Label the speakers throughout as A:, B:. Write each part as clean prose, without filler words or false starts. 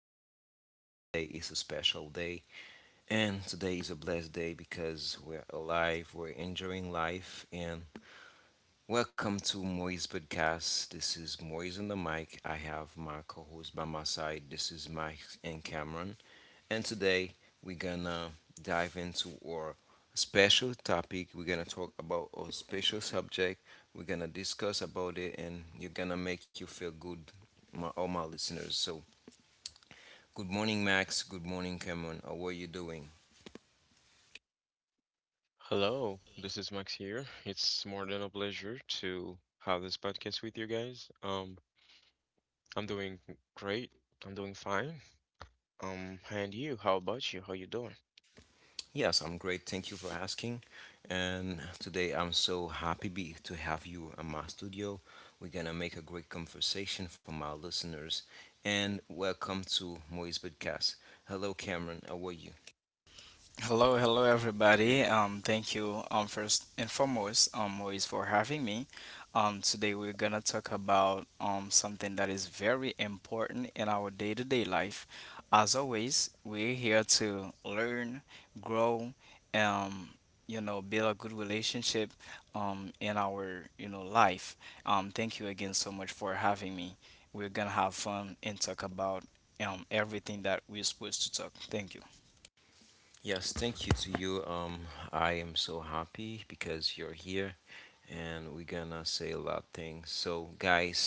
A: a beautiful day. Today is a special day. And today is a blessed day because we're alive, we're enjoying life, and welcome to Moise Podcast. This is Moise on the mic. I have my co host by my side. This is Mike and Cameron. And today we're gonna dive into our special topic. We're gonna talk about our special subject. We're gonna discuss about it and you're gonna make you feel good, my, all my listeners. So, good morning, Max. Good morning, Cameron. How are you doing? Yes, I'm great. Thank you for asking. And today I'm so happy to have you in my studio. We're going to make a great conversation for my listeners. And welcome to Moise Podcast. Hello, Cameron. How are you?
B: Hello, hello everybody. Thank you first and foremost Moise for having me. Today we're gonna talk about something that is very important in our day-to-day life. As always, we're here to learn, grow, um, build a good relationship in our life. Thank you again so much for having me. We're gonna have fun and talk about everything that we're supposed to talk. Thank you.
A: Yes, thank you to you. I am so happy because you're here and we're gonna say a lot of things. So, guys,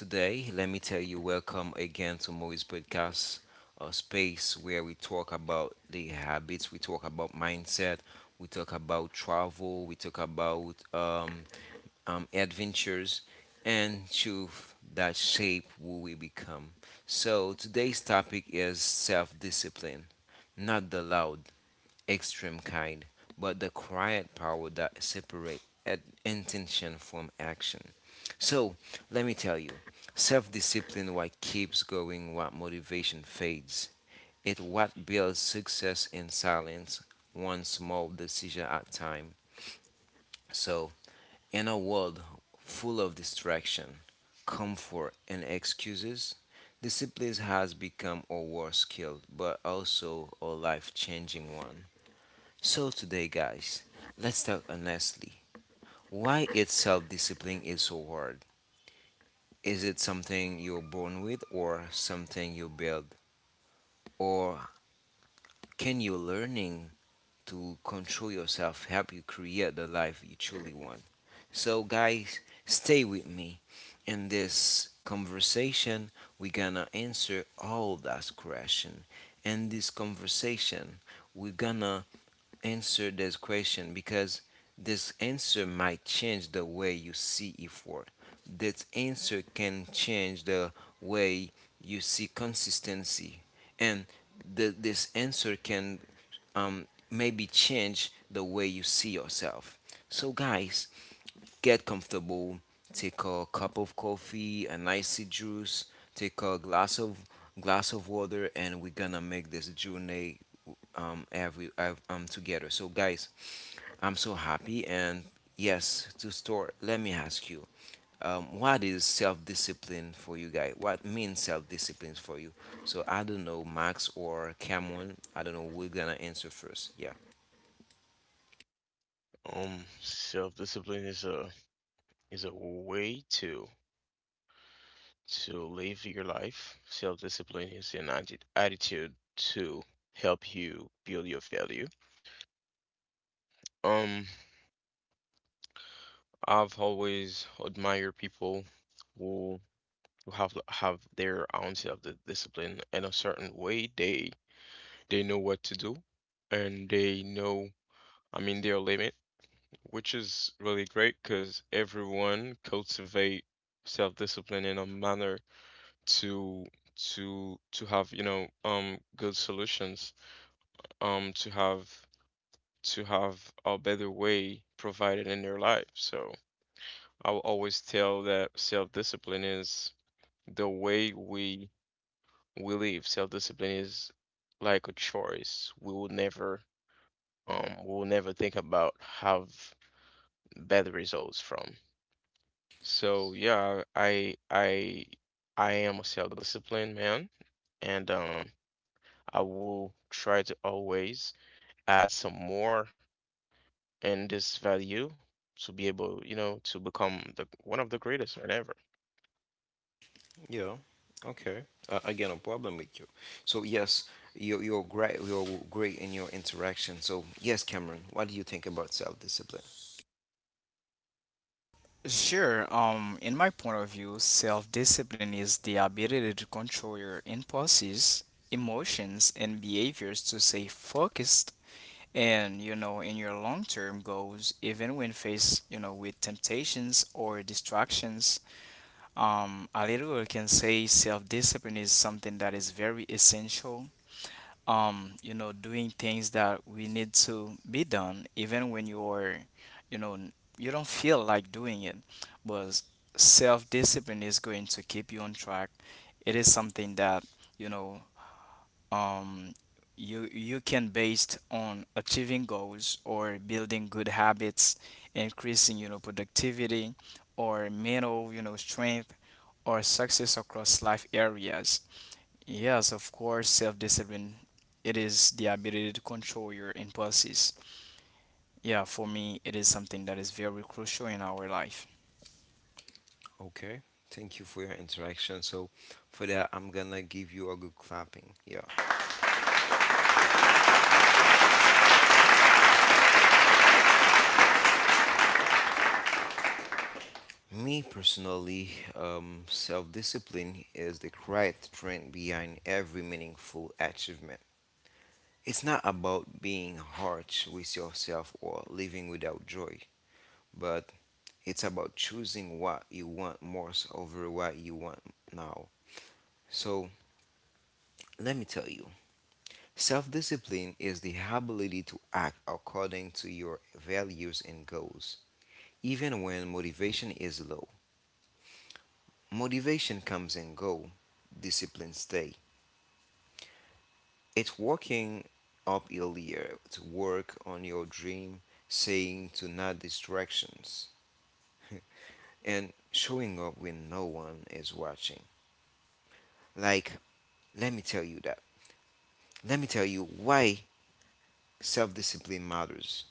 A: today let me tell you welcome again to Moise Podcast, a space where we talk about the habits, we talk about mindset, we talk about travel, we talk about adventures, and truth that shape who we become. So, today's topic is self discipline, not the loud extreme kind, but the quiet power that separates intention from action. So let me tell you, self-discipline what keeps going, what motivation fades. It what builds success in silence, one small decision at a time. So in a world full of distraction, comfort, and excuses, discipline has become a war skill, but also a life-changing one. So, today, guys, let's talk honestly. Why is self discipline is so hard? Is it something you're born with or something you build? Or can you learning to control yourself help you create the life you truly want? So, guys, stay with me. In this conversation, we're gonna answer all that question. In this conversation, we're gonna answer this question because this answer might change the way you see effort. This answer can change the way you see consistency, and this answer can maybe change the way you see yourself. So, guys, get comfortable. Take a cup of coffee, an icy juice. Take a glass of water, and we're gonna make this journey together. So guys, I'm so happy and yes, to store. Let me ask you, what is self-discipline for you guys? What means self-discipline for you? So I don't know, Max or Cameron. I don't know. We're gonna answer first. Yeah. Yeah. Okay. Again, no problem with you. So yes, you're great. You're great in your interaction. So yes, Cameron, what do you think about self-discipline?
B: Sure. In my point of view, self-discipline is the ability to control your impulses, emotions, and behaviors to stay focused and, you know, in your long-term goals, even when faced, you know, with temptations or distractions. A little I can say self-discipline is something that is very essential you know doing things that we need to be done even when you're you know n- you don't feel like doing it, but self-discipline is going to keep you on track. It is something that, you know, um you can based on achieving goals or building good habits, increasing, you know, productivity or mental, you know, strength or success across life areas. Yes, of course, self-discipline. It is the ability to control your impulses. Yeah, for me, it is something that is very crucial in our life.
A: Okay. Thank you for your interaction. So for that, I'm gonna give you a good clapping. Yeah. Me personally, self-discipline is the quiet strength behind every meaningful achievement. It's not about being harsh with yourself or living without joy, but it's about choosing what you want most over what you want now. So let me tell you, self discipline is the ability to act according to your values and goals even when motivation is low. Motivation comes and go, discipline stay. It's working up earlier to work on your dream, saying to not distractions, and showing up when no one is watching. Like, let me tell you that. Let me tell you why self-discipline matters.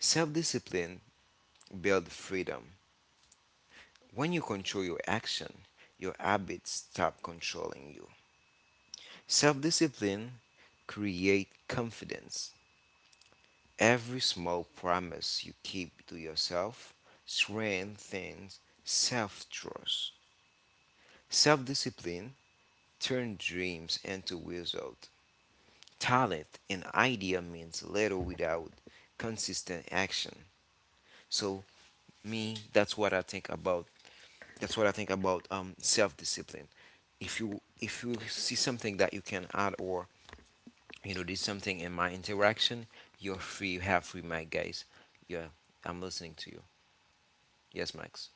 A: Self-discipline builds freedom. When you control your action, your habits stop controlling you. Self discipline create confidence. Every small promise you keep to yourself strengthens self trust. Self discipline turns dreams into results. Talent and idea means little without consistent action. So me, that's what I think about. That's what I think about self discipline. If you see something that you can add or you know, there's something in my interaction. You're free. You have free mic, guys. Yeah, I'm listening to you. Yes, Max.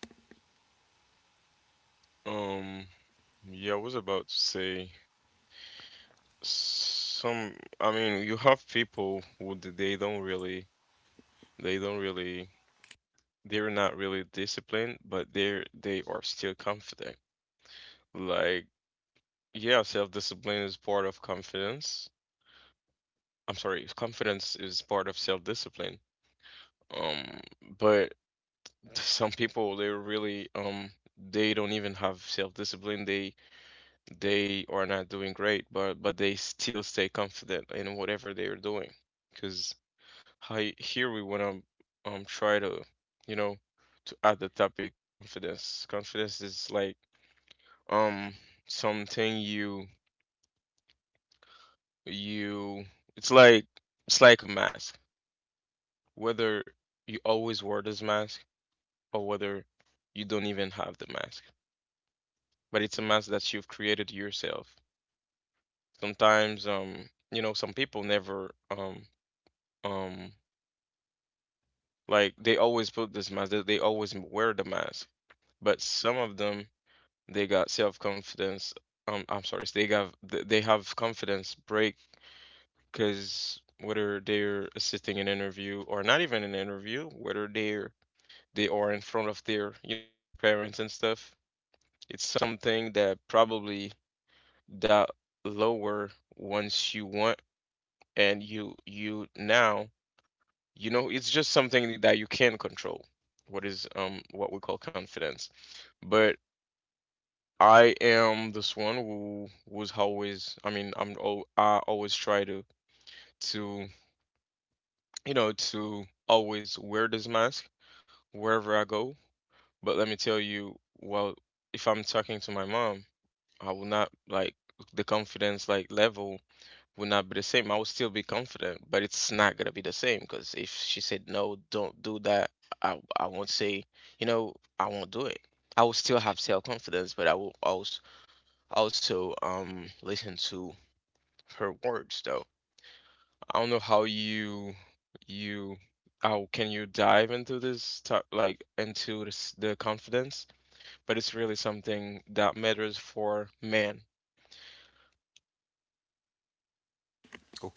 A: Okay.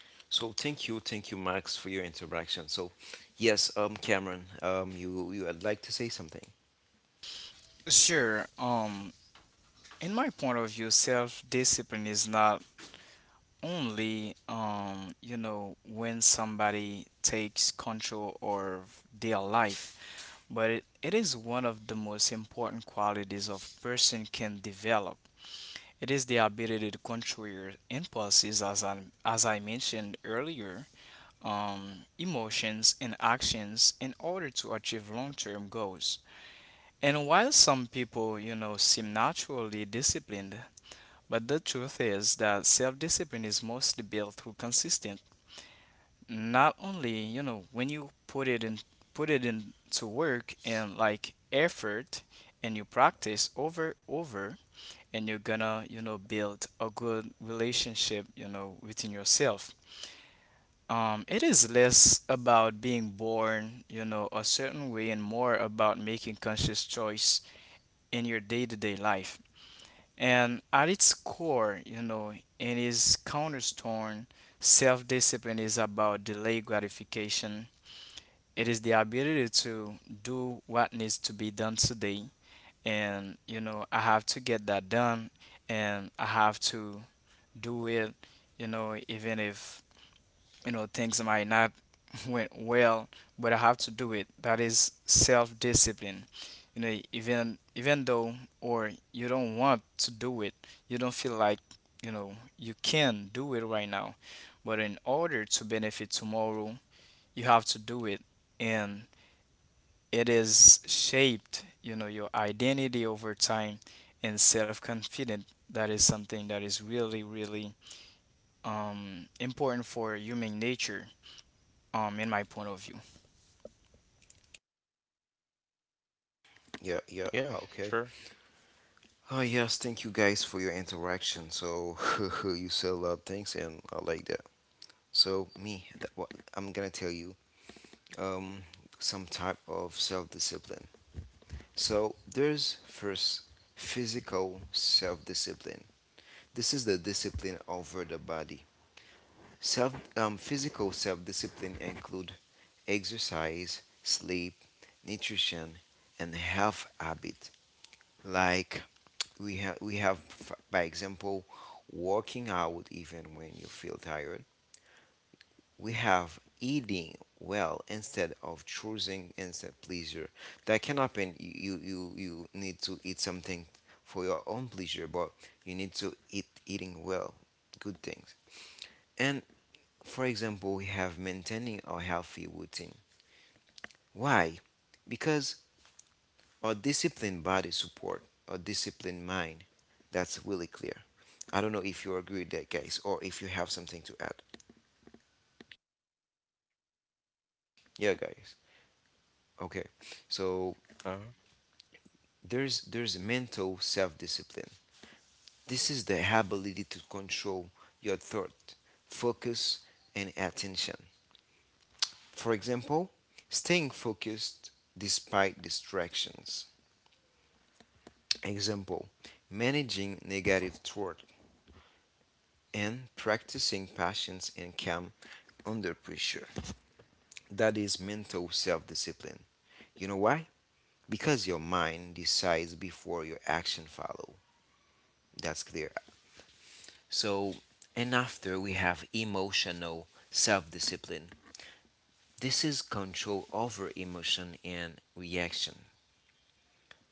A: So thank you, Max, for your interaction. So, yes, Cameron, you would like to say something?
B: Sure. In my point of view, self-discipline is not only you know, when somebody takes control of their life, but it is one of the most important qualities of person can develop. It is the ability to control your impulses, as I mentioned earlier, emotions and actions in order to achieve long-term goals. And while some people, you know, seem naturally disciplined, but the truth is that self-discipline is mostly built through consistent. Not only, you know, when you put it in, put it into work and like effort, and you practice over, and you're gonna, you know, build a good relationship, you know, within yourself. It is less about being born, you know, a certain way and more about making conscious choice in your day-to-day life. And at its core, you know, in its cornerstone, self-discipline is about delayed gratification. It is the ability to do what needs to be done today. And, you know, I have to get that done and I have to do it, you know, even if you know things might not went well, but I have to do it. That is self-discipline. You know, even though, or you don't want to do it, you don't feel like, you know, you can do it right now, but in order to benefit tomorrow, you have to do it. And it is shaped, you know, your identity over time, and self-confident, that is something that is really really important for human nature in my point of view.
A: Yeah, yeah. Okay. Oh yes, thank you guys for your interaction. So you said a lot of things, and I like that. So me, that, what I'm gonna tell you, um, some type of self-discipline. So there's first physical self-discipline. This is the discipline over the body. Self physical self-discipline include exercise, sleep, nutrition, and health habit. Like by example working out even when you feel tired, we have eating well instead of choosing instant pleasure. That can happen. You need to eat something for your own pleasure, but you need to eating well, good things. And for example, we have maintaining a healthy routine. Why? Because a disciplined body support a disciplined mind. That's really clear. I don't know if you agree with that, guys, or if you have something to add. Yeah, guys. Okay. So there's mental self-discipline. This is the ability to control your thought, focus, and attention. For example, staying focused despite distractions. Example, managing negative thought and practicing patience and calm under pressure. That is mental self-discipline. You know why? Because your mind decides before your action follow. That's clear. So, and after we have emotional self discipline. This is control over emotion and reaction.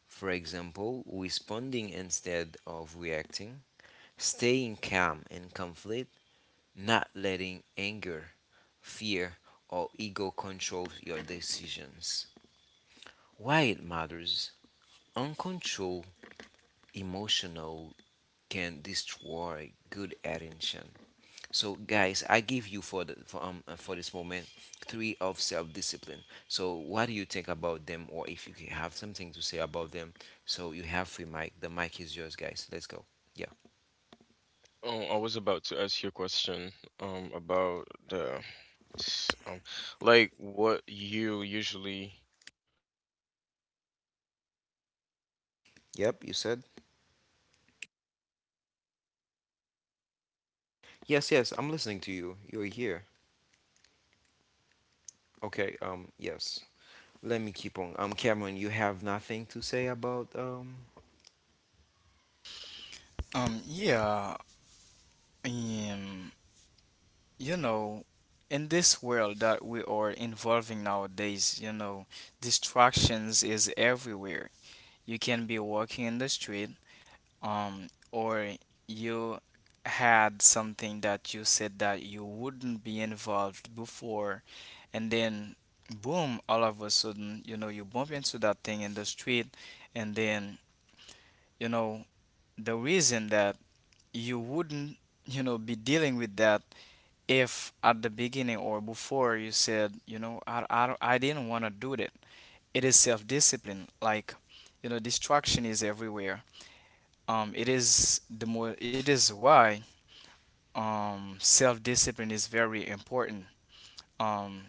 A: For example, responding instead of reacting, staying calm in conflict, not letting anger, fear, or ego control your decisions. Why it matters? Uncontrolled emotional can destroy good attention. So, guys, I give you for the for this moment three of self-discipline. So, what do you think about them, or if you have something to say about them? So, you have free mic. The mic is yours, guys. Let's go. Yeah. Yep. You said yes. Yes. I'm listening to you. You're here. Okay. Yes. Let me keep on. Cameron, you have nothing to say about.
B: um yeah um you know, in this world that we are involving nowadays, you know, distractions is everywhere. You can be walking in the street, or you had something that you said that you wouldn't be involved before, and then boom, all of a sudden, you know, you bump into that thing in the street. And then, you know, the reason that you wouldn't, you know, be dealing with that, if at the beginning or before you said, you know, I didn't want to do that, it is self-discipline. Like, you know, distraction is everywhere. It is the more it is why self-discipline is very important. um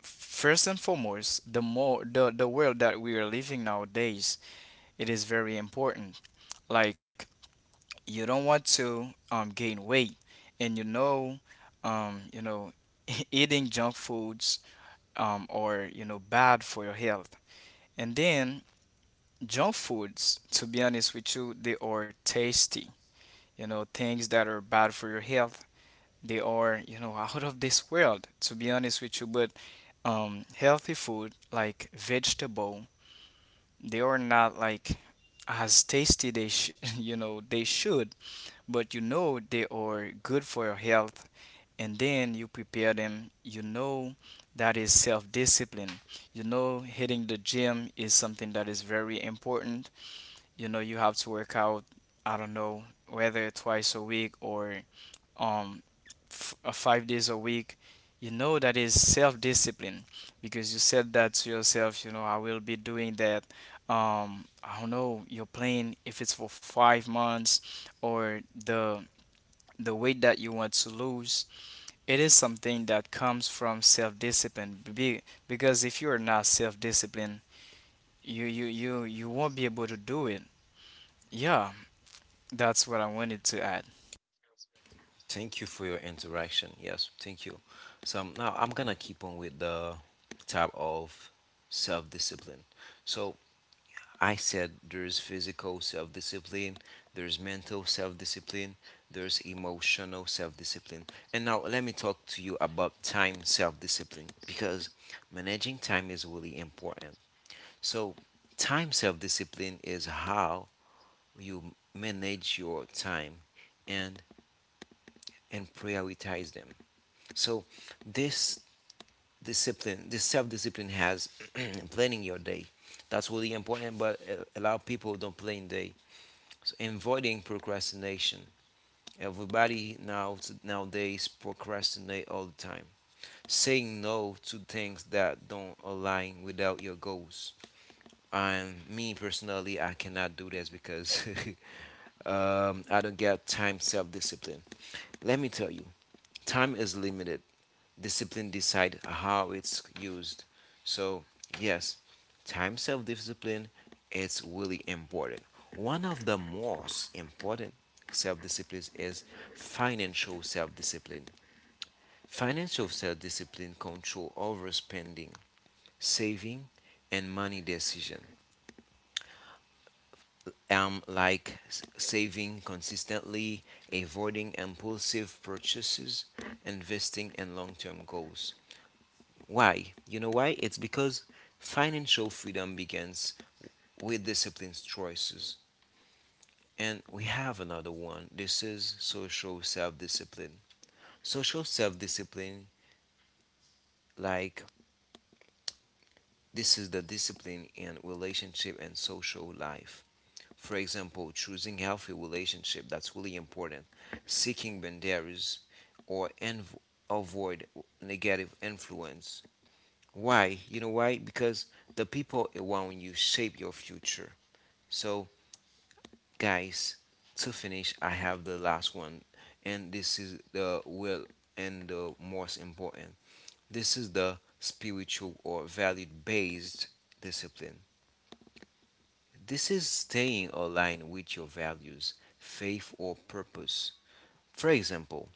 B: First and foremost, the more the world that we are living nowadays, it is very important. Like, you don't want to gain weight, and you know, um, you know eating junk foods are, you know, bad for your health. And then junk foods, to be honest with you, they are tasty. You know, things that are bad for your health, they are, you know, out of this world, to be honest with you. But healthy food like vegetable, they are not like as tasty they you know they should, but you know they are good for your health, and then you prepare them, you know. That is self-discipline. You know, hitting the gym is something that is very important. You know, you have to work out. I don't know whether twice a week or um 5 days a week. You know, that is self-discipline, because you said that to yourself, you know, I will be doing that. I don't know your plan if it's for 5 months or the weight that you want to lose. It is something that comes from self-discipline. Because if you're not self-disciplined, you won't be able to do it. Yeah, that's what I wanted to add.
A: Thank you for your interaction. Yes. Thank you. So now I'm gonna keep on with the tab of self-discipline. So I said there's physical self discipline, there's mental self discipline, there's emotional self discipline. And now let me talk to you about time self discipline because managing time is really important. So, time self discipline is how you manage your time and and prioritize them. So, this discipline, this self discipline has planning your day. That's really important, but a lot of people don't plan day. So, avoiding procrastination. Everybody nowadays procrastinate all the time. Saying no to things that don't align without your goals. And me personally, I cannot do this because I don't get time self discipline. Let me tell you, time is limited discipline decide how it's used. So yes, time self-discipline is really important. One of the most important self-disciplines is financial self-discipline. Financial self-discipline control overspending, saving, and money decision. Saving consistently, avoiding impulsive purchases, investing in long-term goals. Why? You know why? It's because financial freedom begins with disciplined choices. And we have another one. This is social self discipline. Social self discipline, like this is the discipline in relationship and social life. For example, choosing healthy relationship that's really important, seeking boundaries, or env- avoid negative influence. Why? You know why? Because the people around you shape your future. So, guys, to finish, I have the last one, and this is the will and the most important. This is the spiritual or value based discipline. This is staying aligned with your values, faith, or purpose. For example,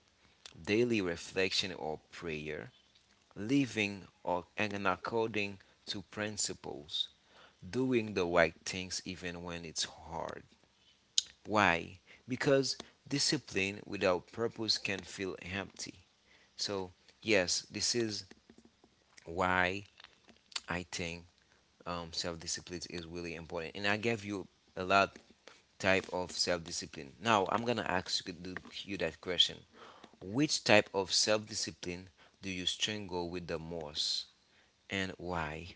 A: daily reflection or prayer, living or and according to principles, doing the right things even when it's hard. Why? Because discipline without purpose can feel empty. So, yes, this is why I think self-discipline is really important. And I gave you a lot type of self-discipline. Now, I'm gonna ask you, you that question. Which type of self-discipline do you struggle with the most, and why?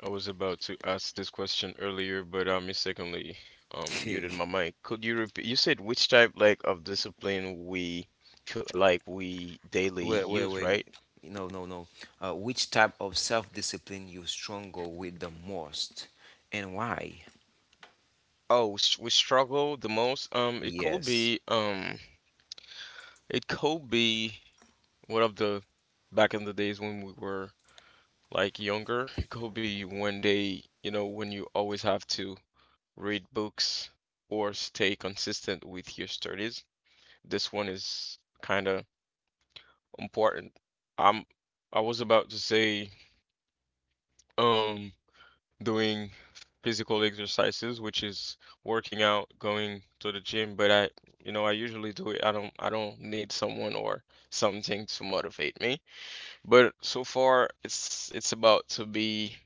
C: I was about to ask this question earlier, but I mistakenly muted
A: wait,
C: my mic. Could you repeat? You said which type like of discipline we could like we daily use,
A: wait.
C: right?
A: No, no, no. Which type of self-discipline you struggle with the most, and why?
C: Oh, we struggle the most. It could
A: Yes.
C: be it could be one of the back in the days when we were like younger. It could be one day, you know, when you always have to read books or stay consistent with your studies. This one is kind of important. I'm I was about to say um doing physical exercises, which is working out, going to the gym, but I you know, I usually do it. I don't need someone or something to motivate me. But so far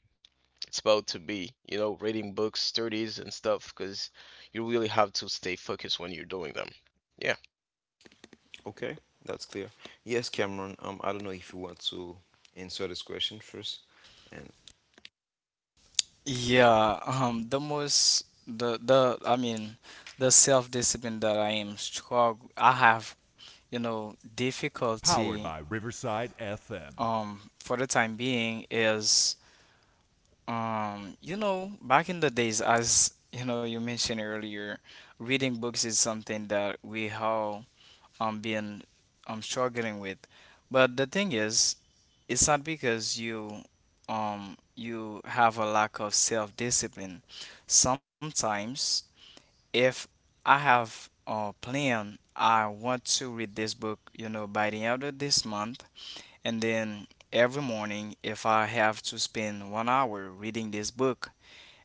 C: it's about to be, you know, reading books, studies and stuff because you really have to stay focused when you're doing them. Yeah.
A: Okay, that's clear. Yes, Cameron, I don't know if you want to answer this question first. And
B: Yeah, the most the I mean, the self-discipline that I am struggle I have, you know, difficulty for the time being is you know, back in the days, as you know, you mentioned earlier, reading books is something that we all been struggling with. But the thing is, it's not because you have a lack of self-discipline. Sometimes, if I have a plan, I want to read this book, you know, by the end of this month, and then every morning, if I have to spend 1 hour reading this book,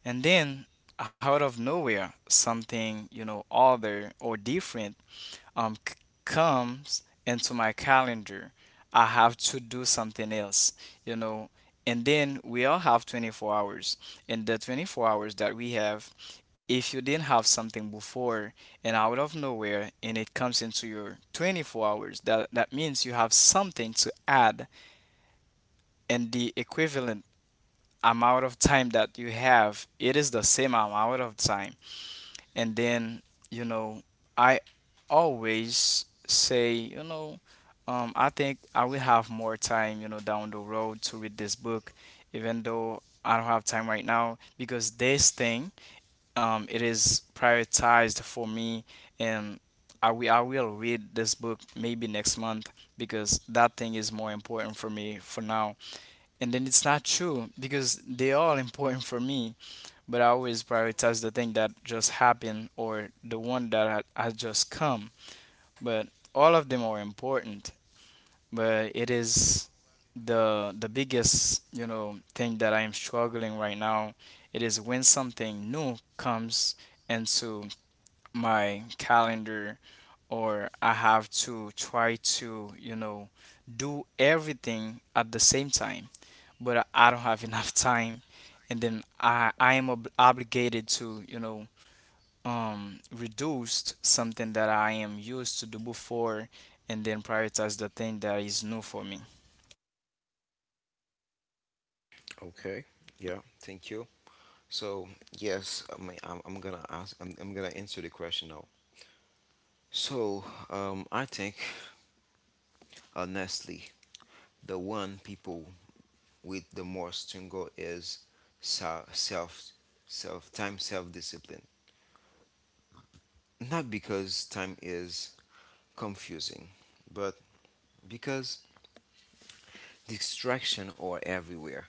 B: and then, out of nowhere, something, you know, other or different um, c- comes into my calendar. I have to do something else, you know. And then we all have 24 hours. And the 24 hours that we have, if you didn't have something before and out of nowhere and it comes into your 24 hours, that means you have something to add, and the equivalent amount of time that you have, it is the same amount of time. And then, you know, I always say, you know, I think I will have more time, you know, down the road to read this book, even though I don't have time right now because this thing, it is prioritized for me. And I will read this book maybe next month, because that thing is more important for me for now. And then it's not true, because they are important for me, but I always prioritize the thing that just happened or the one that had, had just come. But all of them are important. But it is the biggest, you know, thing that I am struggling right now. It is when something new comes into my calendar, or I have to try to, you know, do everything at the same time. But I don't have enough time, and then I am obligated to, you know, reduced something that I am used to do before, and then prioritize the thing that is new for me.
A: okay, yeah, thank you. So, yes, I mean, I'm gonna ask, I'm gonna answer the question now. So, I think honestly, the one people with the most struggle is se- self, time, self discipline. Not because time is confusing, but because distraction are everywhere.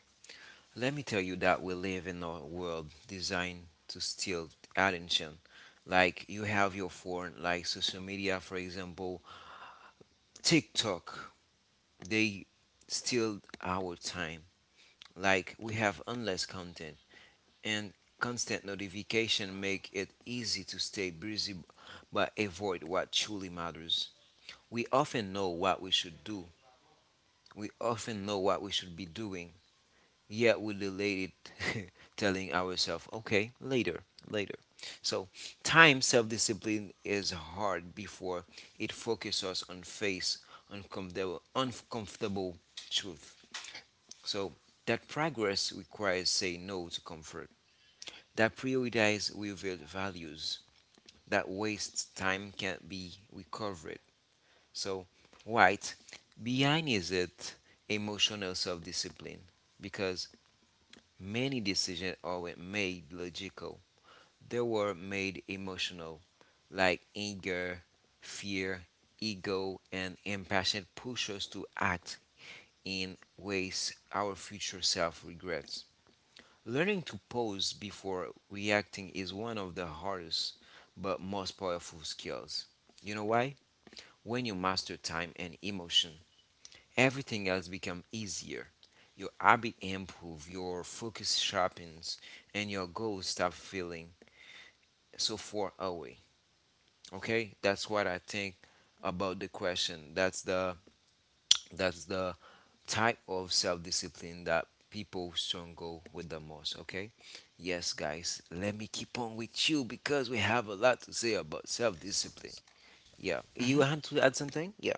A: Let me tell you that we live in a world designed to steal attention. Like you have your phone, like social media, for example, TikTok, they steal our time. Like we have endless content and constant notification make it easy to stay busy but avoid what truly matters. We often know what we should do. We often know what we should be doing. Yeah, we delayed it, telling ourselves, okay, later, later. So, time self discipline is hard before it focuses us on face uncomfortable truth. So, that progress requires saying no to comfort, that prioritize revealed values, that waste time can't be recovered. So, right behind is it emotional self discipline because many decisions aren't made logical, they were made emotional, like anger, fear, ego, and impassion push us to act in ways our future self regrets. Learning to pause before reacting is one of the hardest but most powerful skills. You know why? When you master time and emotion, everything else becomes easier. Your habit improve, your focus sharpens, and your goals stop feeling so far away. Okay, that's what I think about the question. That's the type of self discipline that people struggle with the most. Okay, yes, guys, let me keep on with you because we have a lot to say about self discipline. Yeah, you
B: Mm-hmm.
A: want to add something? Yeah.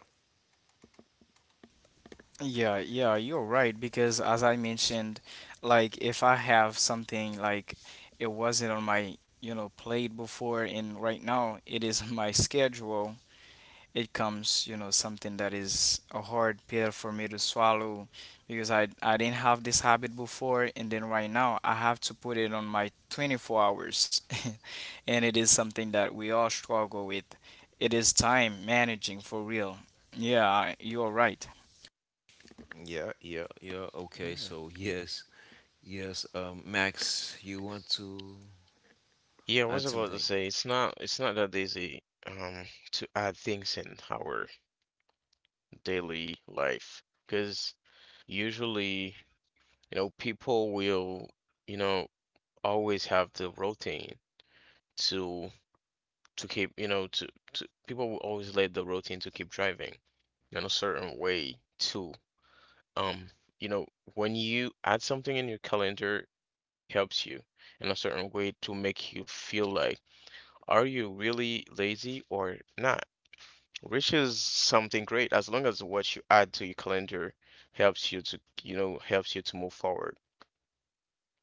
B: Yeah, yeah, you're right, because as I mentioned, like if I have something like it wasn't on my, you know, plate before, and right now it is on my schedule, it comes, you know, something that is a hard pill for me to swallow, because I didn't have this habit before, and then right now I have to put it on my 24 hours. And it is something that we all struggle with. It is time managing for real. Yeah, you're right.
A: Yeah, yeah, yeah. Okay, so yes. Yes, Max, you want to
C: Yeah, I was
A: add
C: about to
A: something?
C: say it's not that easy to add things in our daily life because usually, you know, people will, you know, always have the routine to to keep, you know, to people will always let the routine to keep driving in a certain way too. Um, you know, when you add something in your calendar, it helps you in a certain way to make you feel like, are you really lazy or not? Which is something great as long as what you add to your calendar helps you to, you know, helps you to move forward.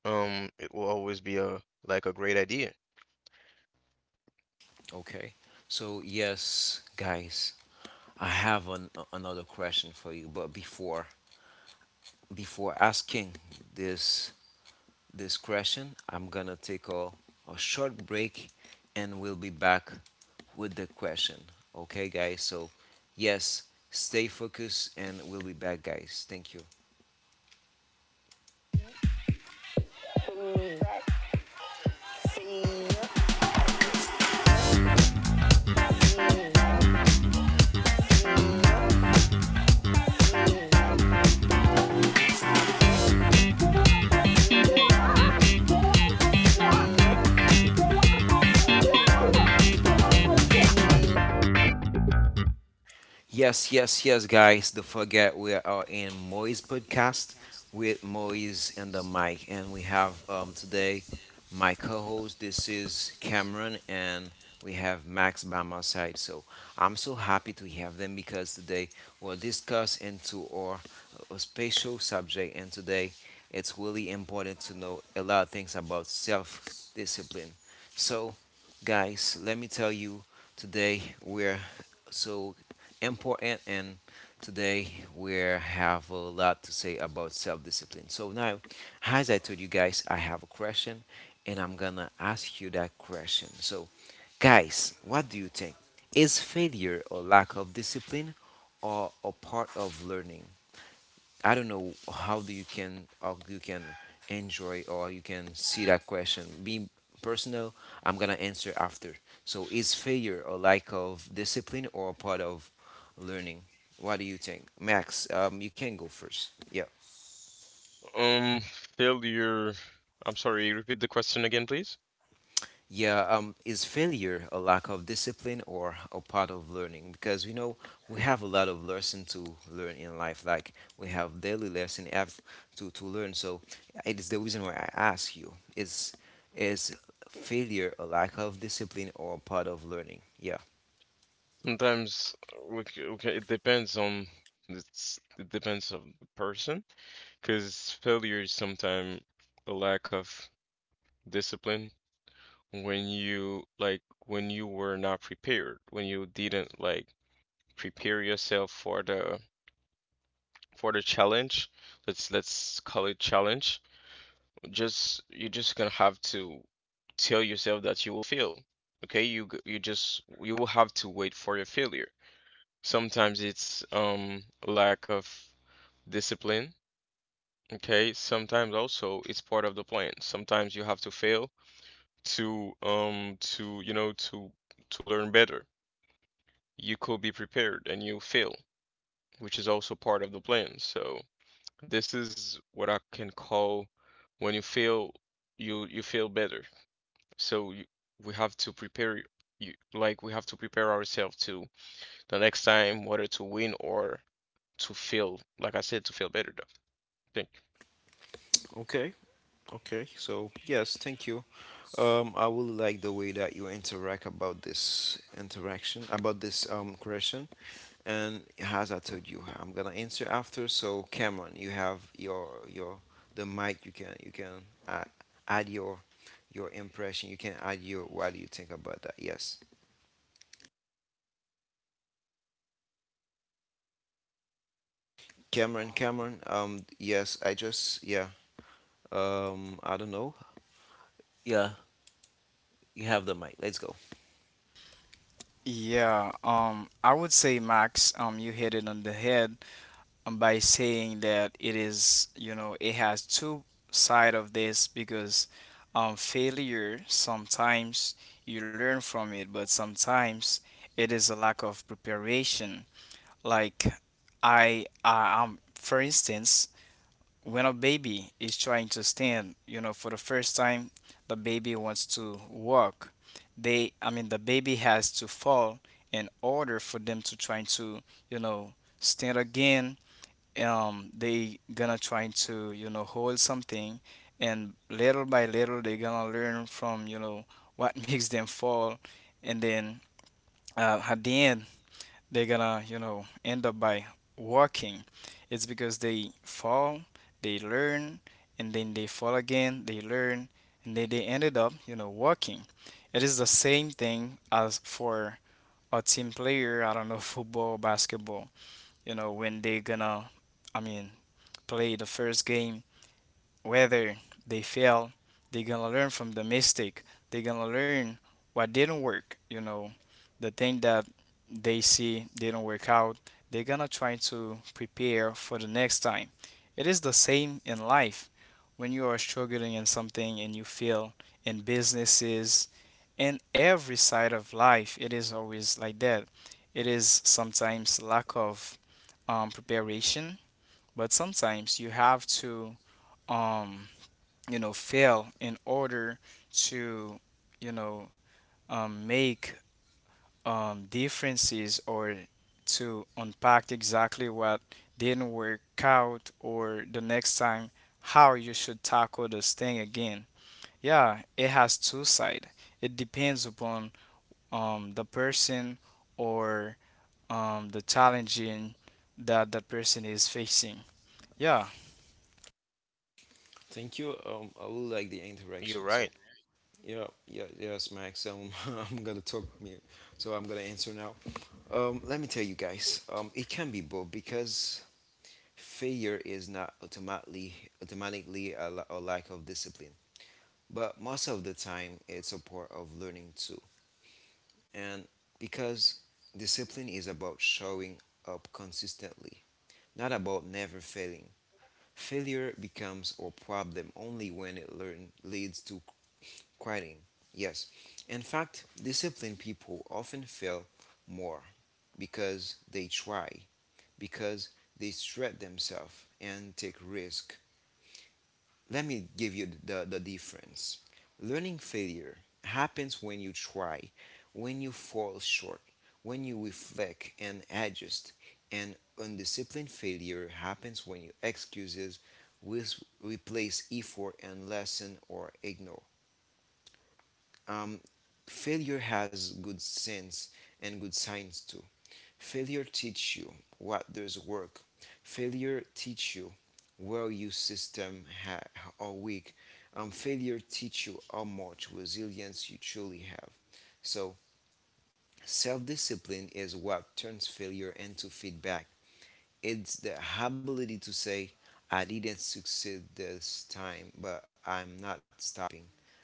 C: It will always be a like a great idea.
A: Okay. So yes, guys, I have an, another question for you. But before asking this this question, I'm gonna take a short break, and we'll be back with the question. Okay, guys. So yes, stay focused, and we'll be back, guys. Thank you. Yes, yes, yes, guys. Don't forget we are in Moise podcast with Moise and the mic, and we have today my co-host. This is Cameron, and we have Max by my side. So I'm so happy to have them because today we'll discuss into our a special subject, and today it's really important to know a lot of things about self-discipline. So, guys, let me tell you today we're so important and today we have a lot to say about self-discipline. So now, as I told you guys, I have a question and I'm gonna ask you that question. So guys, what do you think? Is failure or lack of discipline or a part of learning? I don't know how you can enjoy or you can see that question. Being personal, I'm gonna answer after. So is failure a lack of discipline or a part of learning? What do you think, Max? You can go first. Yeah.
C: Failure. I'm sorry, repeat the question again, please.
A: Yeah, is failure a lack of discipline or a part of learning? Because we know we have a lot of lesson to learn in life. Like we have daily lesson have to learn. So it is the reason why I ask you: is failure a lack of discipline or a part of learning? Yeah.
C: Sometimes, okay, it's, it depends on the person. Because failure is sometimes a lack of discipline when you like when you were not prepared, when you didn't like prepare yourself for the challenge. Let's call it challenge. Just You're just gonna have to tell yourself that you will fail. Okay, you just you will have to wait for your failure. Sometimes it's lack of discipline. Okay, sometimes also it's part of the plan. Sometimes you have to fail to you know to learn better. You could be prepared and you'll fail, which is also part of the plan. So this is what I can call when you fail, you feel better. So we have to prepare y- you like we have to prepare ourselves to the next time whether to win or to fail. Like I said, to feel better though. I think.
A: Okay. Okay, so yes, thank you. I really like the way that you interact about this interaction, about this question. And as I told you, I'm gonna answer after. So Cameron, you have your the mic. You can add your impression. You can add your what do you think about that? Yes, Cameron. Yes, I just yeah. I don't know. Yeah, you have the mic. Let's go.
B: Yeah, I would say, Max, you hit it on the head by saying that it is, you know, it has two side of this, because failure sometimes you learn from it, but sometimes it is a lack of preparation. Like, for instance, when a baby is trying to stand, you know, for the first time, the baby wants to walk. They, I mean, the baby has to fall in order for them to try to, you know, stand again. They gonna try to, you know, hold something, and little by little they gonna learn from, you know, what makes them fall, and then at the end they're gonna, you know, end up by walking. It's because they fall, they learn, and then they fall again, they learn, and then they ended up, you know, walking. It is the same thing as for a team player, I don't know, football, basketball. You know, when they're gonna, I mean, play the first game, whether they fail, they're gonna learn from the mistake. They're gonna learn what didn't work, you know, the thing that they see didn't work out. They're gonna try to prepare for the next time. It is the same in life. When you are struggling in something and you fail in businesses, in every side of life, it is always like that. It is sometimes lack of preparation, but sometimes you have to um, you know fail in order to you know make differences, or to unpack exactly what didn't work out, or the next time how you should tackle this thing again. Yeah, it has two sides. It depends upon the person, or the challenging that that person is facing. Yeah.
A: Thank you. I really like the
C: You're
A: interaction.
C: right.
A: So. Yep, yeah, yeah, yes, Max. I'm gonna talk me, so I'm gonna answer now. Let me tell you guys, it can be both because failure is not automatically a lack of discipline, but most of the time it's a part of learning too. And because discipline is about showing up consistently, not about never failing. Failure becomes a problem only when it learn leads to quitting. Yes. In fact, disciplined people often fail more because they try, because they stretch themselves and take risk. Let me give you the difference. Learning failure happens when you try, when you fall short, when you reflect and adjust. And undisciplined failure happens when you excuses with replace effort and lesson or ignore. Um, failure has good sense and good signs too. Failure teach you what does work. Failure teach you where your system are weak. Failure teach you how much resilience you truly have. So self-discipline is what turns failure into feedback. It's the ability to say, I didn't succeed this time, but I'm not stopping.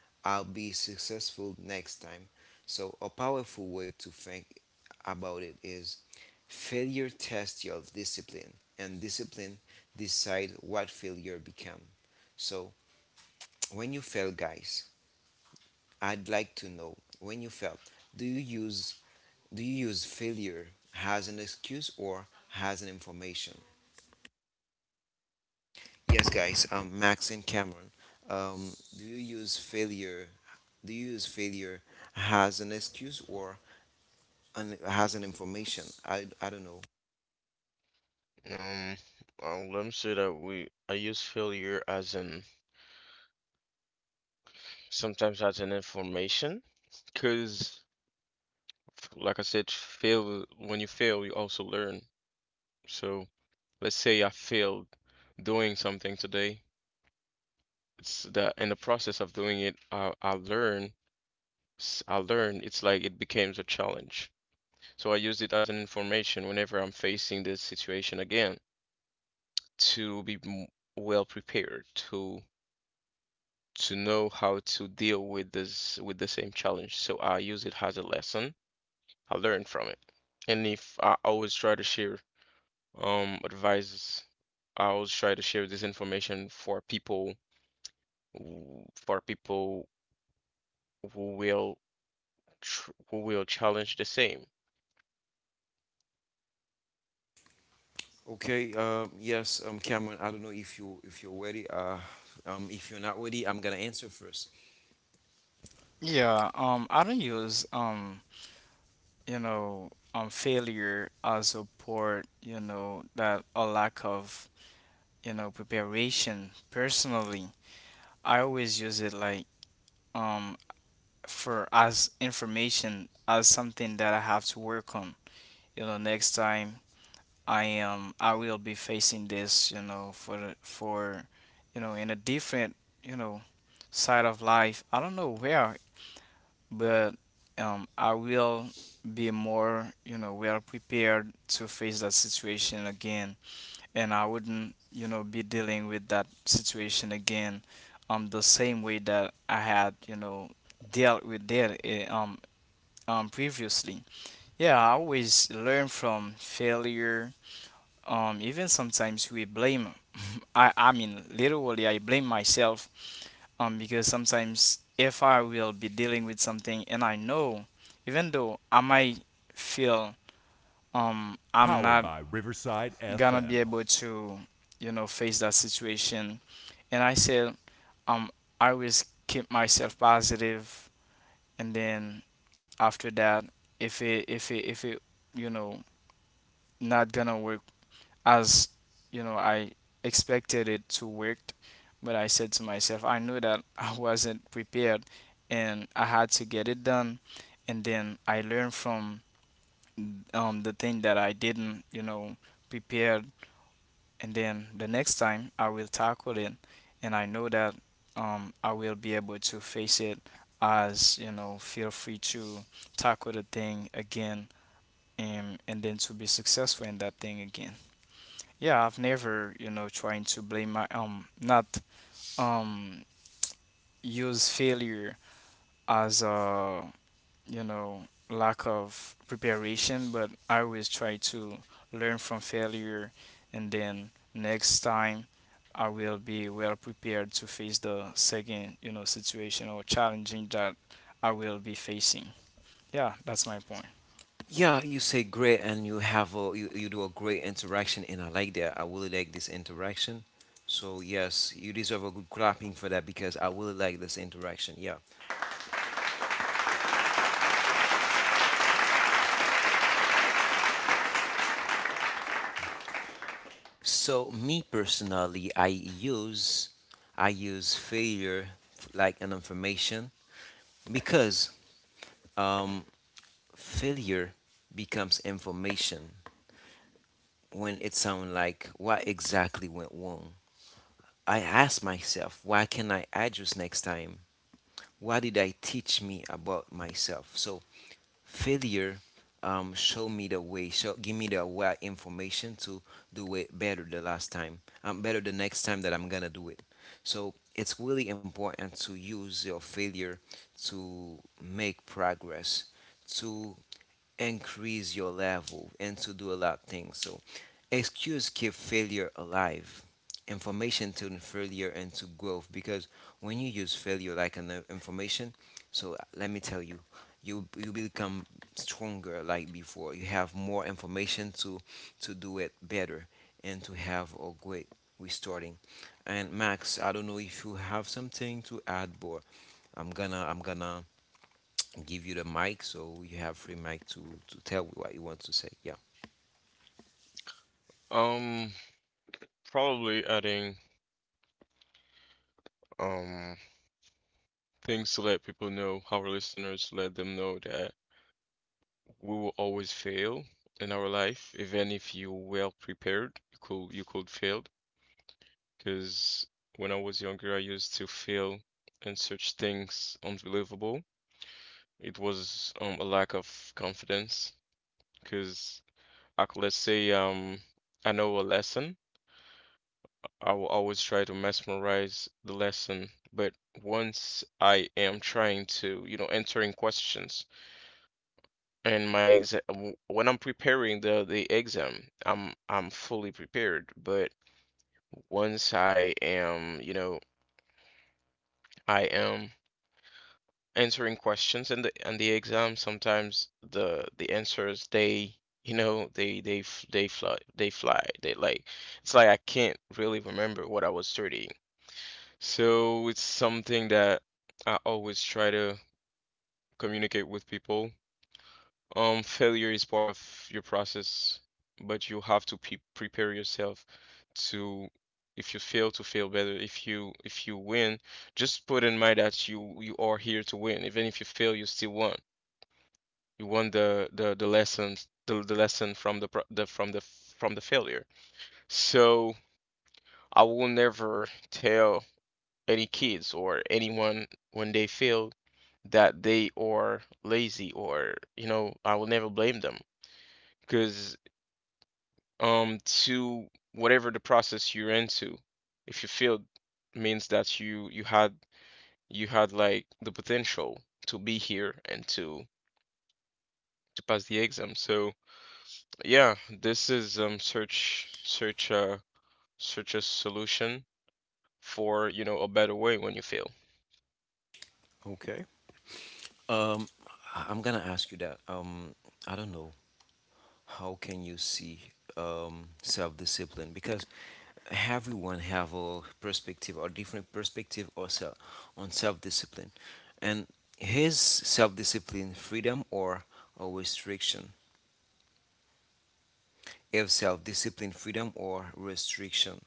A: I'll be successful next time. So, a powerful way to think about it is failure tests your discipline, and discipline decide what failure become. So, when you fail, guys, I'd like to know when you fail, do you use do you use failure as an excuse or as an information? Yes, guys. Max and Cameron. Um, do you use failure? Do you use failure as an excuse or and it has an information. I don't know.
C: Um, Let me say that we I use failure as an sometimes as an information. Because, like I said, fail, when you fail, you also learn. So, let's say I failed doing something today. It's the In the process of doing it, I learn. I learn. It's like it becomes a challenge. So I use it as an information whenever I'm facing this situation again to well prepared to know how to deal with this with the same challenge. So I use it as a lesson. I learn from it. And if I always try to share advice, I always try to share this information for for people who will tr who will challenge the same.
A: Okay. Yes, Cameron. I don't know if you if you're ready. If you're not ready, I'm gonna answer first.
B: Yeah, I don't use you know, failure as a part, you know, that a lack of, you know, preparation. Personally, I always use it like um for as information, as something that I have to work on. You know, next time I will be facing this, you know, for for you know, in a different, you know, side of life. I don't know where, but I will be more, you know, well prepared to face that situation again, and I wouldn't, you know, be dealing with that situation again, the same way that I had, you know, dealt with that, previously. Yeah, I always learn from failure. Even sometimes we blame. I mean, literally, I blame myself because sometimes if I will be dealing with something, and I know even though I might feel I'm not gonna be able to you know face that situation, and I say um I always keep myself positive. And then after that, if it you know not gonna work as, you know, I expected it to work, but I said to myself, I knew that I wasn't prepared, and I had to get it done. And then I learned from the thing that I didn't, you know, prepare. And then the next time I will tackle it, and I know that I will be able to face it. As you know, feel free to tackle the thing again, and then to be successful in that thing again. Yeah, I've never, you know, trying to blame my not um use failure as a, you know, lack of preparation, but I always try to learn from failure. And then next time I will be well prepared to face the second, you know, situation or challenging that I will be facing. Yeah, that's my point.
A: Yeah, you say great, and you have a you do a great interaction, and I like that. I really like this interaction. So yes, you deserve a good clapping for that because I really like this interaction. Yeah. So me personally, I use failure like an information because um failure becomes information when it sounds like what exactly went wrong. I ask myself, why can I address next time? What did I teach me about myself? So failure show me the way, show give me the right information to do it better the last time. I'm better the next time that I'm gonna do it. So it's really important to use your failure to make progress, to increase your level and to do a lot of things. So excuse keep failure alive. Information to failure and to growth because when you use failure like an information, so let me tell you, you become stronger like before. You have more information to do it better and to have a great restarting. And Max, I don't know if you have something to add, but I'm gonna and give you the mic so you have free mic to tell what you want to say. Yeah.
C: Um, Probably adding um things to let people know, our listeners, let them know that we will always fail in our life, even if you well prepared, you could fail. Because when I was younger, I used to feel and such things unbelievable. It was a lack of confidence because, let's say, I know a lesson. I will always try to mesmerize the lesson, but once I am trying to, you know, entering questions and my exam, when I'm preparing the exam, I'm fully prepared. But once I am, you know, I am answering questions in the exam, sometimes the answers they you know they fly, they fly they like it's like I can't really remember what I was studying. So it's something that I always try to communicate with people. Failure is part of your process, but you have to pe prepare yourself to, if you fail, to fail better. If you, if you win, just put in mind that you are here to win. Even if you fail, you still won. You want the lessons, the lesson from the, pro- the from the from the failure. So I will never tell any kids or anyone when they fail that they are lazy, or, you know, I will never blame them. Because to whatever the process you're into, if you failed, means that you had, you had like the potential to be here and to pass the exam. So yeah, this is search a solution for, you know, a better way when you fail.
A: Okay. um I'm gonna ask you that I don't know how can you see self-discipline because everyone have a perspective or different perspective or on self-discipline and his self-discipline freedom or a restriction, if self-discipline freedom or restriction.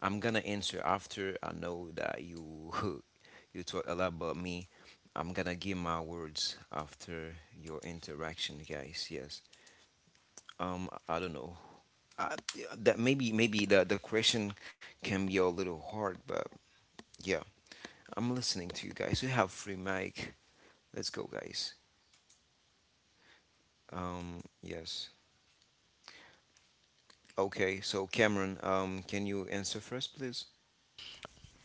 A: I'm gonna answer after I know that you you talk a lot about me. I'm gonna give my words after your interaction, guys. Yes. I don't know. I, that maybe the question can be a little hard, but yeah, I'm listening to you guys. We have free mic. Let's go, guys. Yes. Okay. So Cameron, can you answer first, please?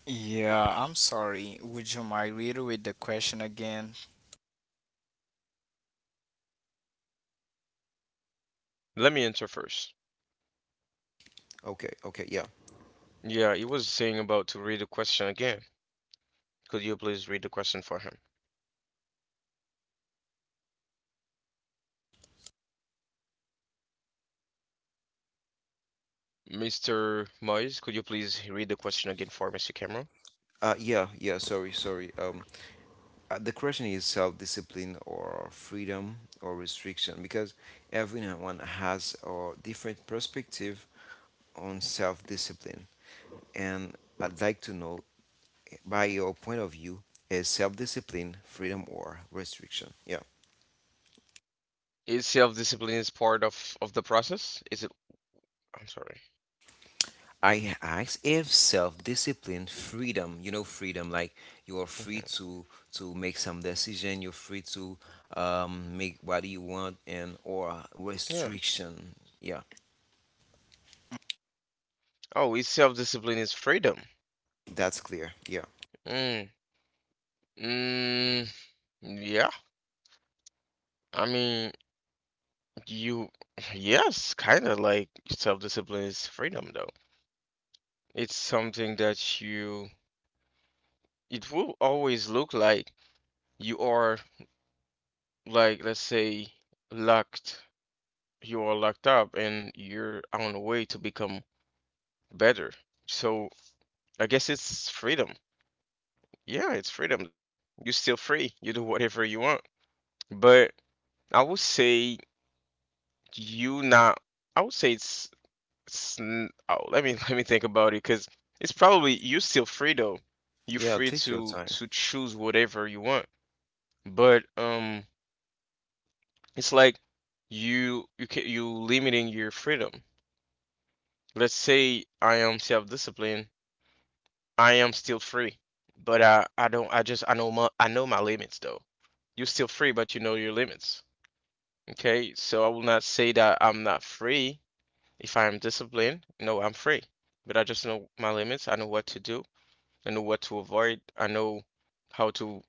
B: Yeah, I'm sorry. Would you mind reiterate the question again?
C: Let me answer first.
A: Okay. Okay. Yeah.
C: Yeah, he was saying about to read the question again. Could you please read the question for him? Mr. Moyes, could you please read the question again for Mr. Cameron?
A: Yeah. Yeah. Sorry. Sorry. The question is self-discipline or freedom or restriction because everyone has a different perspective on self-discipline, and I'd like to know by your point of view is self-discipline freedom or restriction? Yeah.
C: Is self-discipline is part of the process? Is it? I'm sorry.
A: I asked if self-discipline freedom, you know, freedom like you're free
C: Hmm.
A: to make some decision, you're free to make what you want and or
C: Yeah.
A: restriction, yeah.
C: Oh, is self-discipline is freedom.
A: That's clear, yeah.
C: Mm. Mm. Yeah. I mean, you, yes, kind of like self-discipline is freedom, though. It's something that you, it will always look like you are, like, let's say, locked, you are locked up and you're on the way to become better. So I guess it's freedom. Yeah, it's freedom, though. You're still free. You do whatever you want. But I would say you not, I would say let me let me think about it, because it's probably you're still free though. You're
A: Yeah,
C: free
A: take your time.
C: to choose whatever you want, but it's like you limiting your freedom. Let's say I am self-disciplined, I am still free, but I don't I just I know my limits though. You're still free, but you know your limits. Okay, so I will not say that I'm not free if I am disciplined. No, I'm free, but I just know my limits. I know what to do. I know what to avoid. I know how to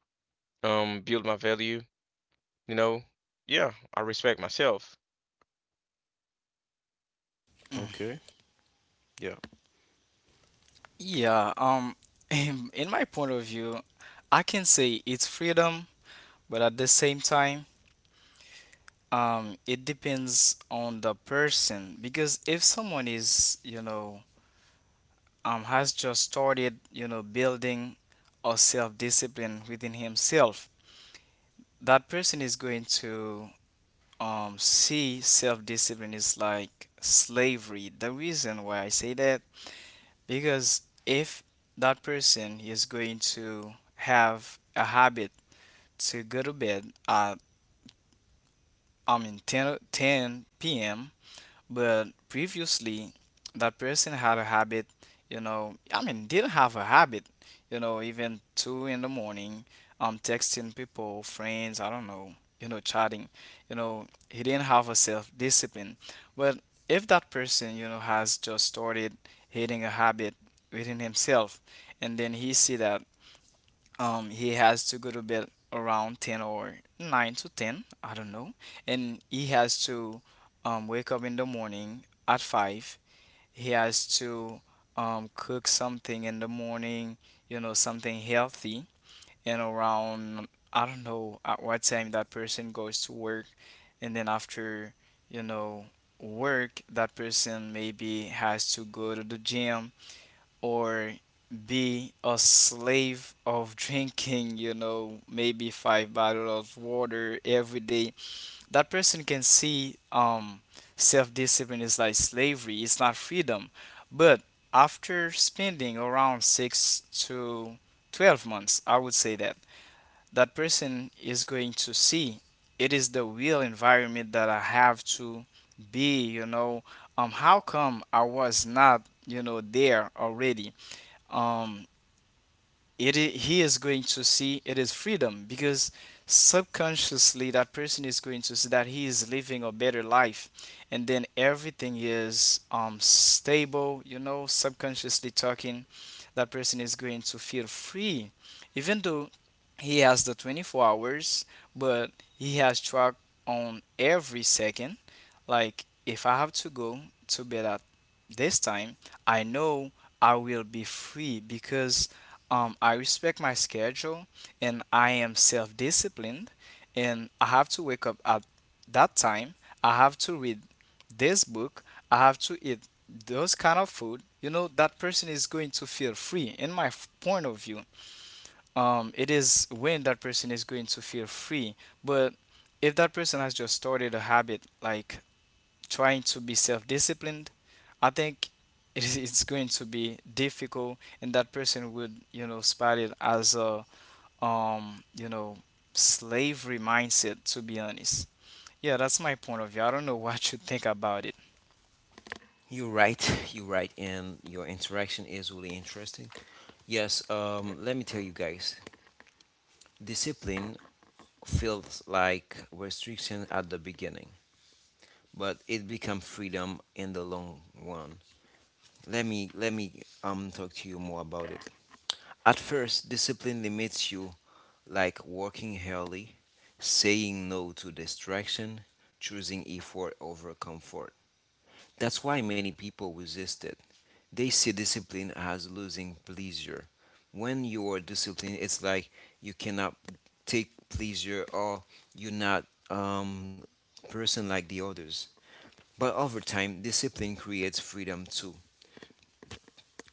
C: build my value. You know, yeah, I respect myself.
A: Okay. Yeah.
B: Yeah, in my point of view, I can say it's freedom, but at the same time, it depends on the person, because if someone is, you know, has just started, you know, building a self-discipline within himself, that person is going to see self-discipline is like slavery. The reason why I say that: because if that person is going to have a habit to go to bed at, I mean, 10, p.m., but previously, that person had a habit, you know, I mean, didn't have a habit, you know, even two in the morning, texting people, friends, I don't know, you know, chatting, you know, he didn't have a self-discipline. But if that person, you know, has just started hitting a habit within himself, and then he see that he has to go to bed around 10 or 9 to 10, I don't know, and he has to wake up in the morning at 5. He has to cook something in the morning, you know, something healthy, and around, I don't know, at what time that person goes to work. And then after, you know, work, that person maybe has to go to the gym, or be a slave of drinking, you know, maybe five bottles of water every day. That person can see self discipline is like slavery, it's not freedom. But after spending around six to 12 months, I would say that that person is going to see it is the real environment that I have to be, you know. How come I was not, you know, there already? Um, he is going to see it is freedom, because subconsciously that person is going to see that he is living a better life, and then everything is stable. You know, subconsciously talking, that person is going to feel free, even though he has the 24 hours, but he has track on every second. Like if I have to go to bed at this time, I know I will be free because I respect my schedule, and I am self disciplined, and I have to wake up at that time. I have to read this book. I have to eat those kind of food. You know, that person is going to feel free in my point of view. It is when that person is going to feel free. But if that person has just started a habit like trying to be self-disciplined, I think it is, it's going to be difficult, and that person would you know spot it as a you know slavery mindset. To be honest, yeah, that's my point of view. I don't know what you think about it.
A: You're right. You're right, and your interaction is really interesting. Yes, let me tell you guys, discipline feels like restriction at the beginning, but it becomes freedom in the long run. Let me talk to you more about it. At first, discipline limits you, like working early, saying no to distraction, choosing effort over comfort. That's why many people resist it. They see discipline as losing pleasure. When you are disciplined, it's like you cannot take pleasure or you're not um person like the others. But over time, discipline creates freedom too.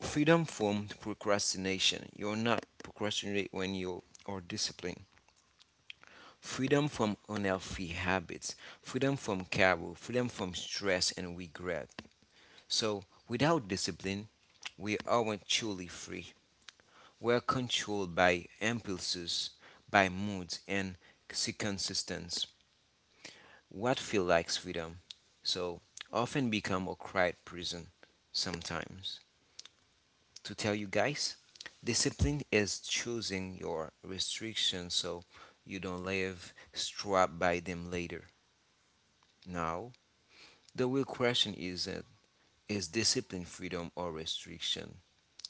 A: Freedom from procrastination. You're not procrastinate when you are disciplined. Freedom from unhealthy habits. Freedom from carol. Freedom from stress and regret. So without discipline, we aren't truly free. We're controlled by impulses, by moods, and circumstances. What feels like freedom, so often become a quiet prison sometimes. To tell you guys, discipline is choosing your restrictions so you don't live strapped by them later. Now, the real question is discipline freedom or restriction?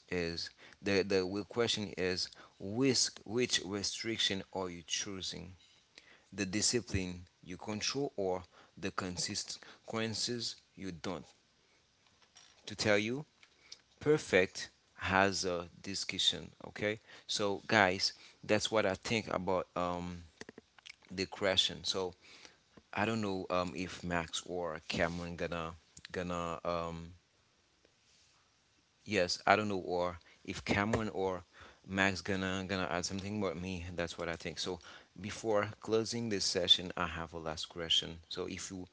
A: Is The real question is which restriction are you choosing? The discipline you control or the consequences you don't. To tell you, perfect has a discussion. Okay, so guys, that's what I think about the question. So I don't know if Max or Cameron gonna gonna yes, I don't know, or if Cameron or Max gonna add something about me. That's what I think. So before closing this session, I have a last question. So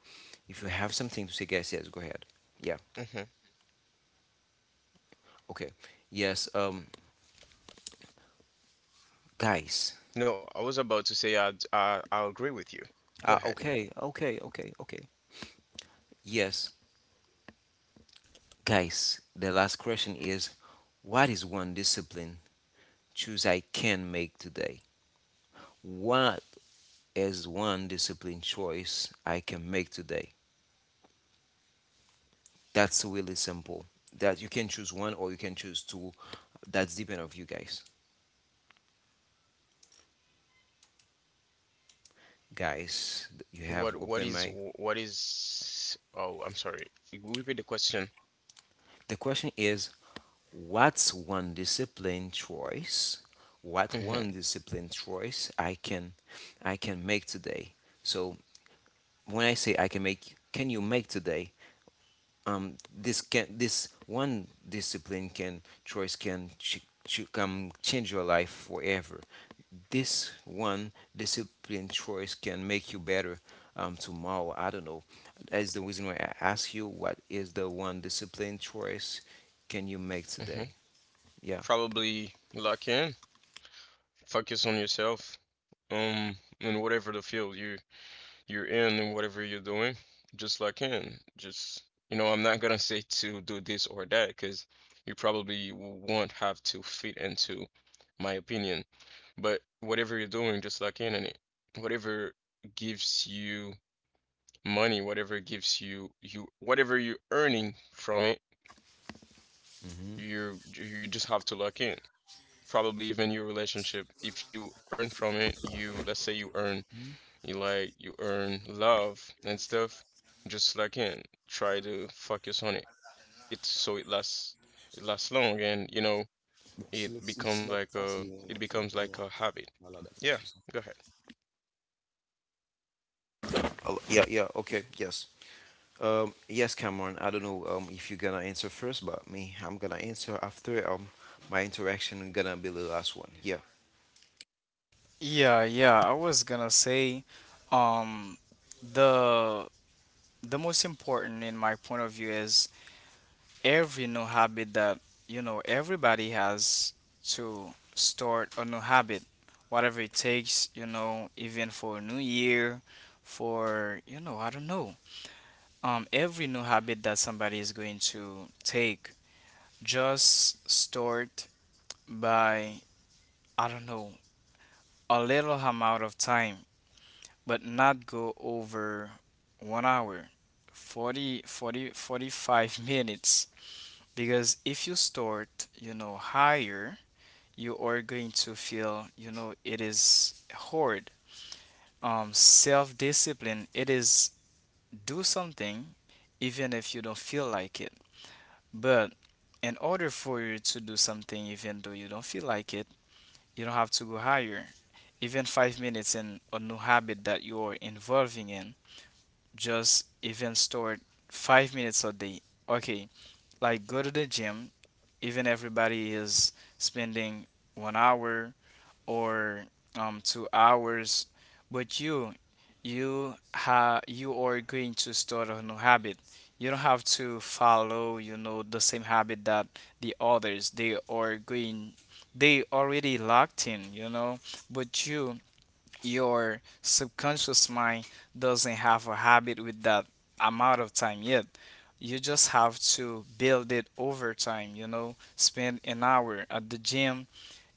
A: if you have something to say, guys, yes, go ahead. Yeah.
C: Hmm.
A: Okay. Yes. Guys.
C: No, I was about to say I agree with you. Go ahead.
A: Okay. Okay. Okay. Okay. Yes, guys. The last question is, what is one discipline choose I can make today? What is one discipline choice I can make today? That's really simple. That you can choose one or you can choose two. That's depend of you guys. Guys, you have
C: What
A: open
C: is
A: my.
C: what is? Oh, I'm sorry. Would repeat the question.
A: The question is, what's one discipline choice? What
C: Hmm.
A: one discipline choice I can make today? So when I say I can make, can you make today? This can this one discipline can come change your life forever. This one discipline choice can make you better tomorrow. I don't know. That's the reason why I ask you what is the one discipline choice can you make
C: Hmm.
A: today? Yeah.
C: Probably lock in, focus on yourself, um, in whatever the field you're in and whatever you're doing, just like in. Just, you know, I'm not gonna say to do this or that because you probably won't have to fit into my opinion. But whatever you're doing, just like in, whatever gives you money, whatever gives you, whatever you're earning from it,
A: Hmm.
C: you just have to lock in. Probably even your relationship, if you earn from it, you let's say you like you earn love and stuff. Just like in, try to focus on it. It lasts, it lasts long, and you know
A: Bon, c'est
C: it
A: le, c'est
C: becomes
A: la
C: like a
A: facile, hein,
C: it
A: en fait,
C: becomes like a
A: vraiment.
C: habit.
A: Voilà,
C: Yeah,
A: d'accord, c'est ça.
C: go
A: Oh, yeah, yeah. Okay. Yes. Yes, Cameron. I don't know if you're gonna answer first, but me, I'm gonna answer after my interaction is gonna be the last one. Yeah.
B: Yeah, yeah, I was gonna say, um, the most important in my point of view is every new habit that, you know, everybody has to start a new habit whatever it takes, you know, even for a new year, for, you know, I don't know, every new habit that somebody is going to take, just start by, I don't know, a little amount of time, but not go over 1 hour 45 minutes, because if you start, you know, higher, you are going to feel, you know, it is hard. Self-discipline, it is do something even if you don't feel like it. But in order for you to do something even though you don't feel like it, you don't have to go higher. Even 5 minutes in a new habit that you are involving in, just even start 5 minutes a day. Okay, like go to the gym, even everybody is spending 1 hour or 2 hours, but you ha you are going to start a new habit. You don't have to follow, you know, the same habit that the others they are going, they already locked in, you know, but you your subconscious mind doesn't have a habit with that amount of time yet. You just have to build it over time, you know, spend an hour at the gym,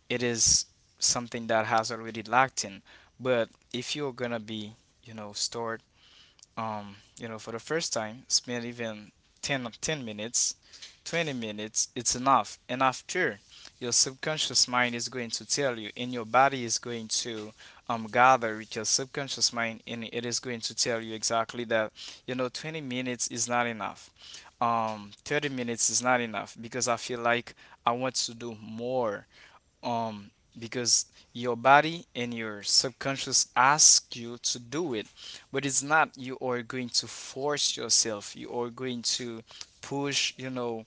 B: it is something that has already lacked in. But if you're gonna be, you know, stored, you know, for the first time, spend even 10 minutes, 20 minutes, it's enough. And after, your subconscious mind is going to tell you, and your body is going to gather with your subconscious mind, and it is going to tell you exactly that, you know, 20 minutes is not enough. 30 minutes is not enough because I feel like I want to do more um because your body and your subconscious ask you to do it. But it's not, you are going to force yourself, you are going to push, you know,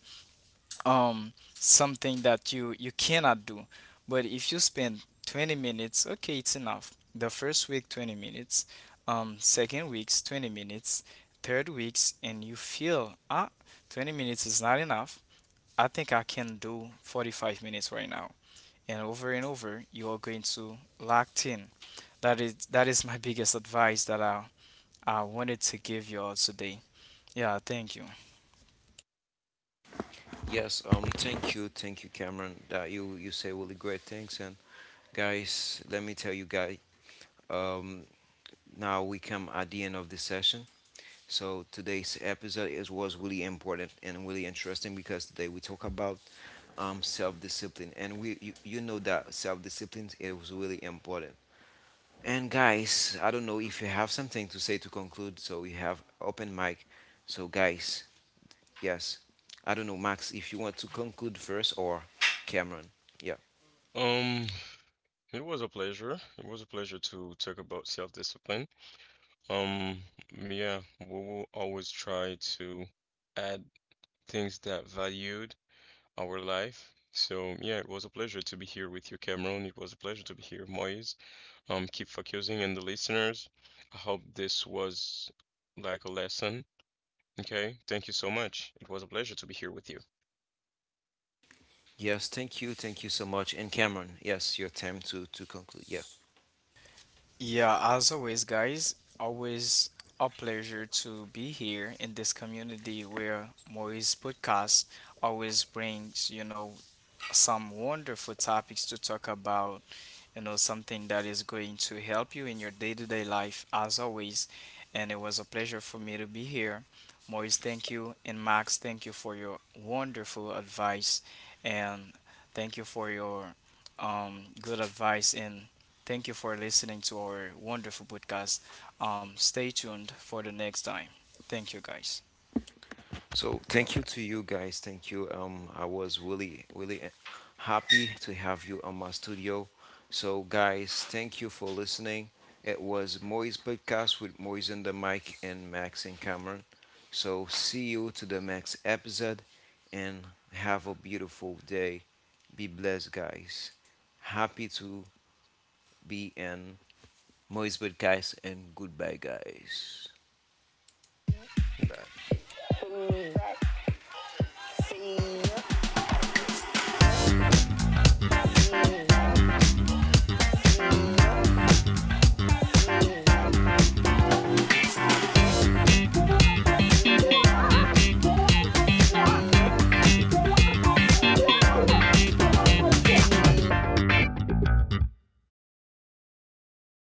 B: something that you cannot do. But if you spend 20 minutes, okay, it's enough. The first week 20 minutes, second weeks 20 minutes, third weeks and you feel, ah, 20 minutes is not enough, I think I can do 45 minutes right now. And over and over, you are going to locked in. That is my biggest advice that I wanted to give you all today. Yeah, thank you.
A: Yes.
C: ahead.
A: Thank you. Thank you, Cameron. That you say really great things. And guys, let me tell you guys. Um. Now we come at the end of the session. So today's episode is was really important and really interesting because today we talk about self discipline, and we you, you know that self discipline is really important. And guys, I don't know if you have something to say to conclude, so we have open mic. So guys, yes. I don't know, Max, if you want to conclude first or Cameron. Yeah.
C: Um, it was a pleasure. It was a pleasure to talk about self-discipline. Um, yeah, we will always try to add things that valued our life. So yeah, it was a pleasure to be here with you, Cameron. It was a pleasure to be here, Moise. Keep focusing on the listeners. I hope this was like a lesson. Okay, thank you so much. It was a pleasure to be here with you.
A: Yes, thank you so much. And Cameron, yes, your time to conclude. Yeah.
B: Yeah, as always guys, always a pleasure to be here in this community where Maurice podcast always brings, you know, some wonderful topics to talk about, you know, something that is going to help you in your day to day life, as always. And it was a pleasure for me to be here. Maurice, thank you. And Max, thank you for your wonderful advice. And thank you for your good advice. And thank you for listening to our wonderful podcast. Stay tuned for the next time. Thank you, guys.
A: So thank you to you guys. Thank you. I was really, really happy to have you on my studio. So guys, thank you for listening. It was Moise podcast with Moise and the mic and Max and Cameron. So see you to the next episode, and have a beautiful day. Be blessed, guys. Happy to be in Moise podcast, and goodbye, guys.
C: Bye.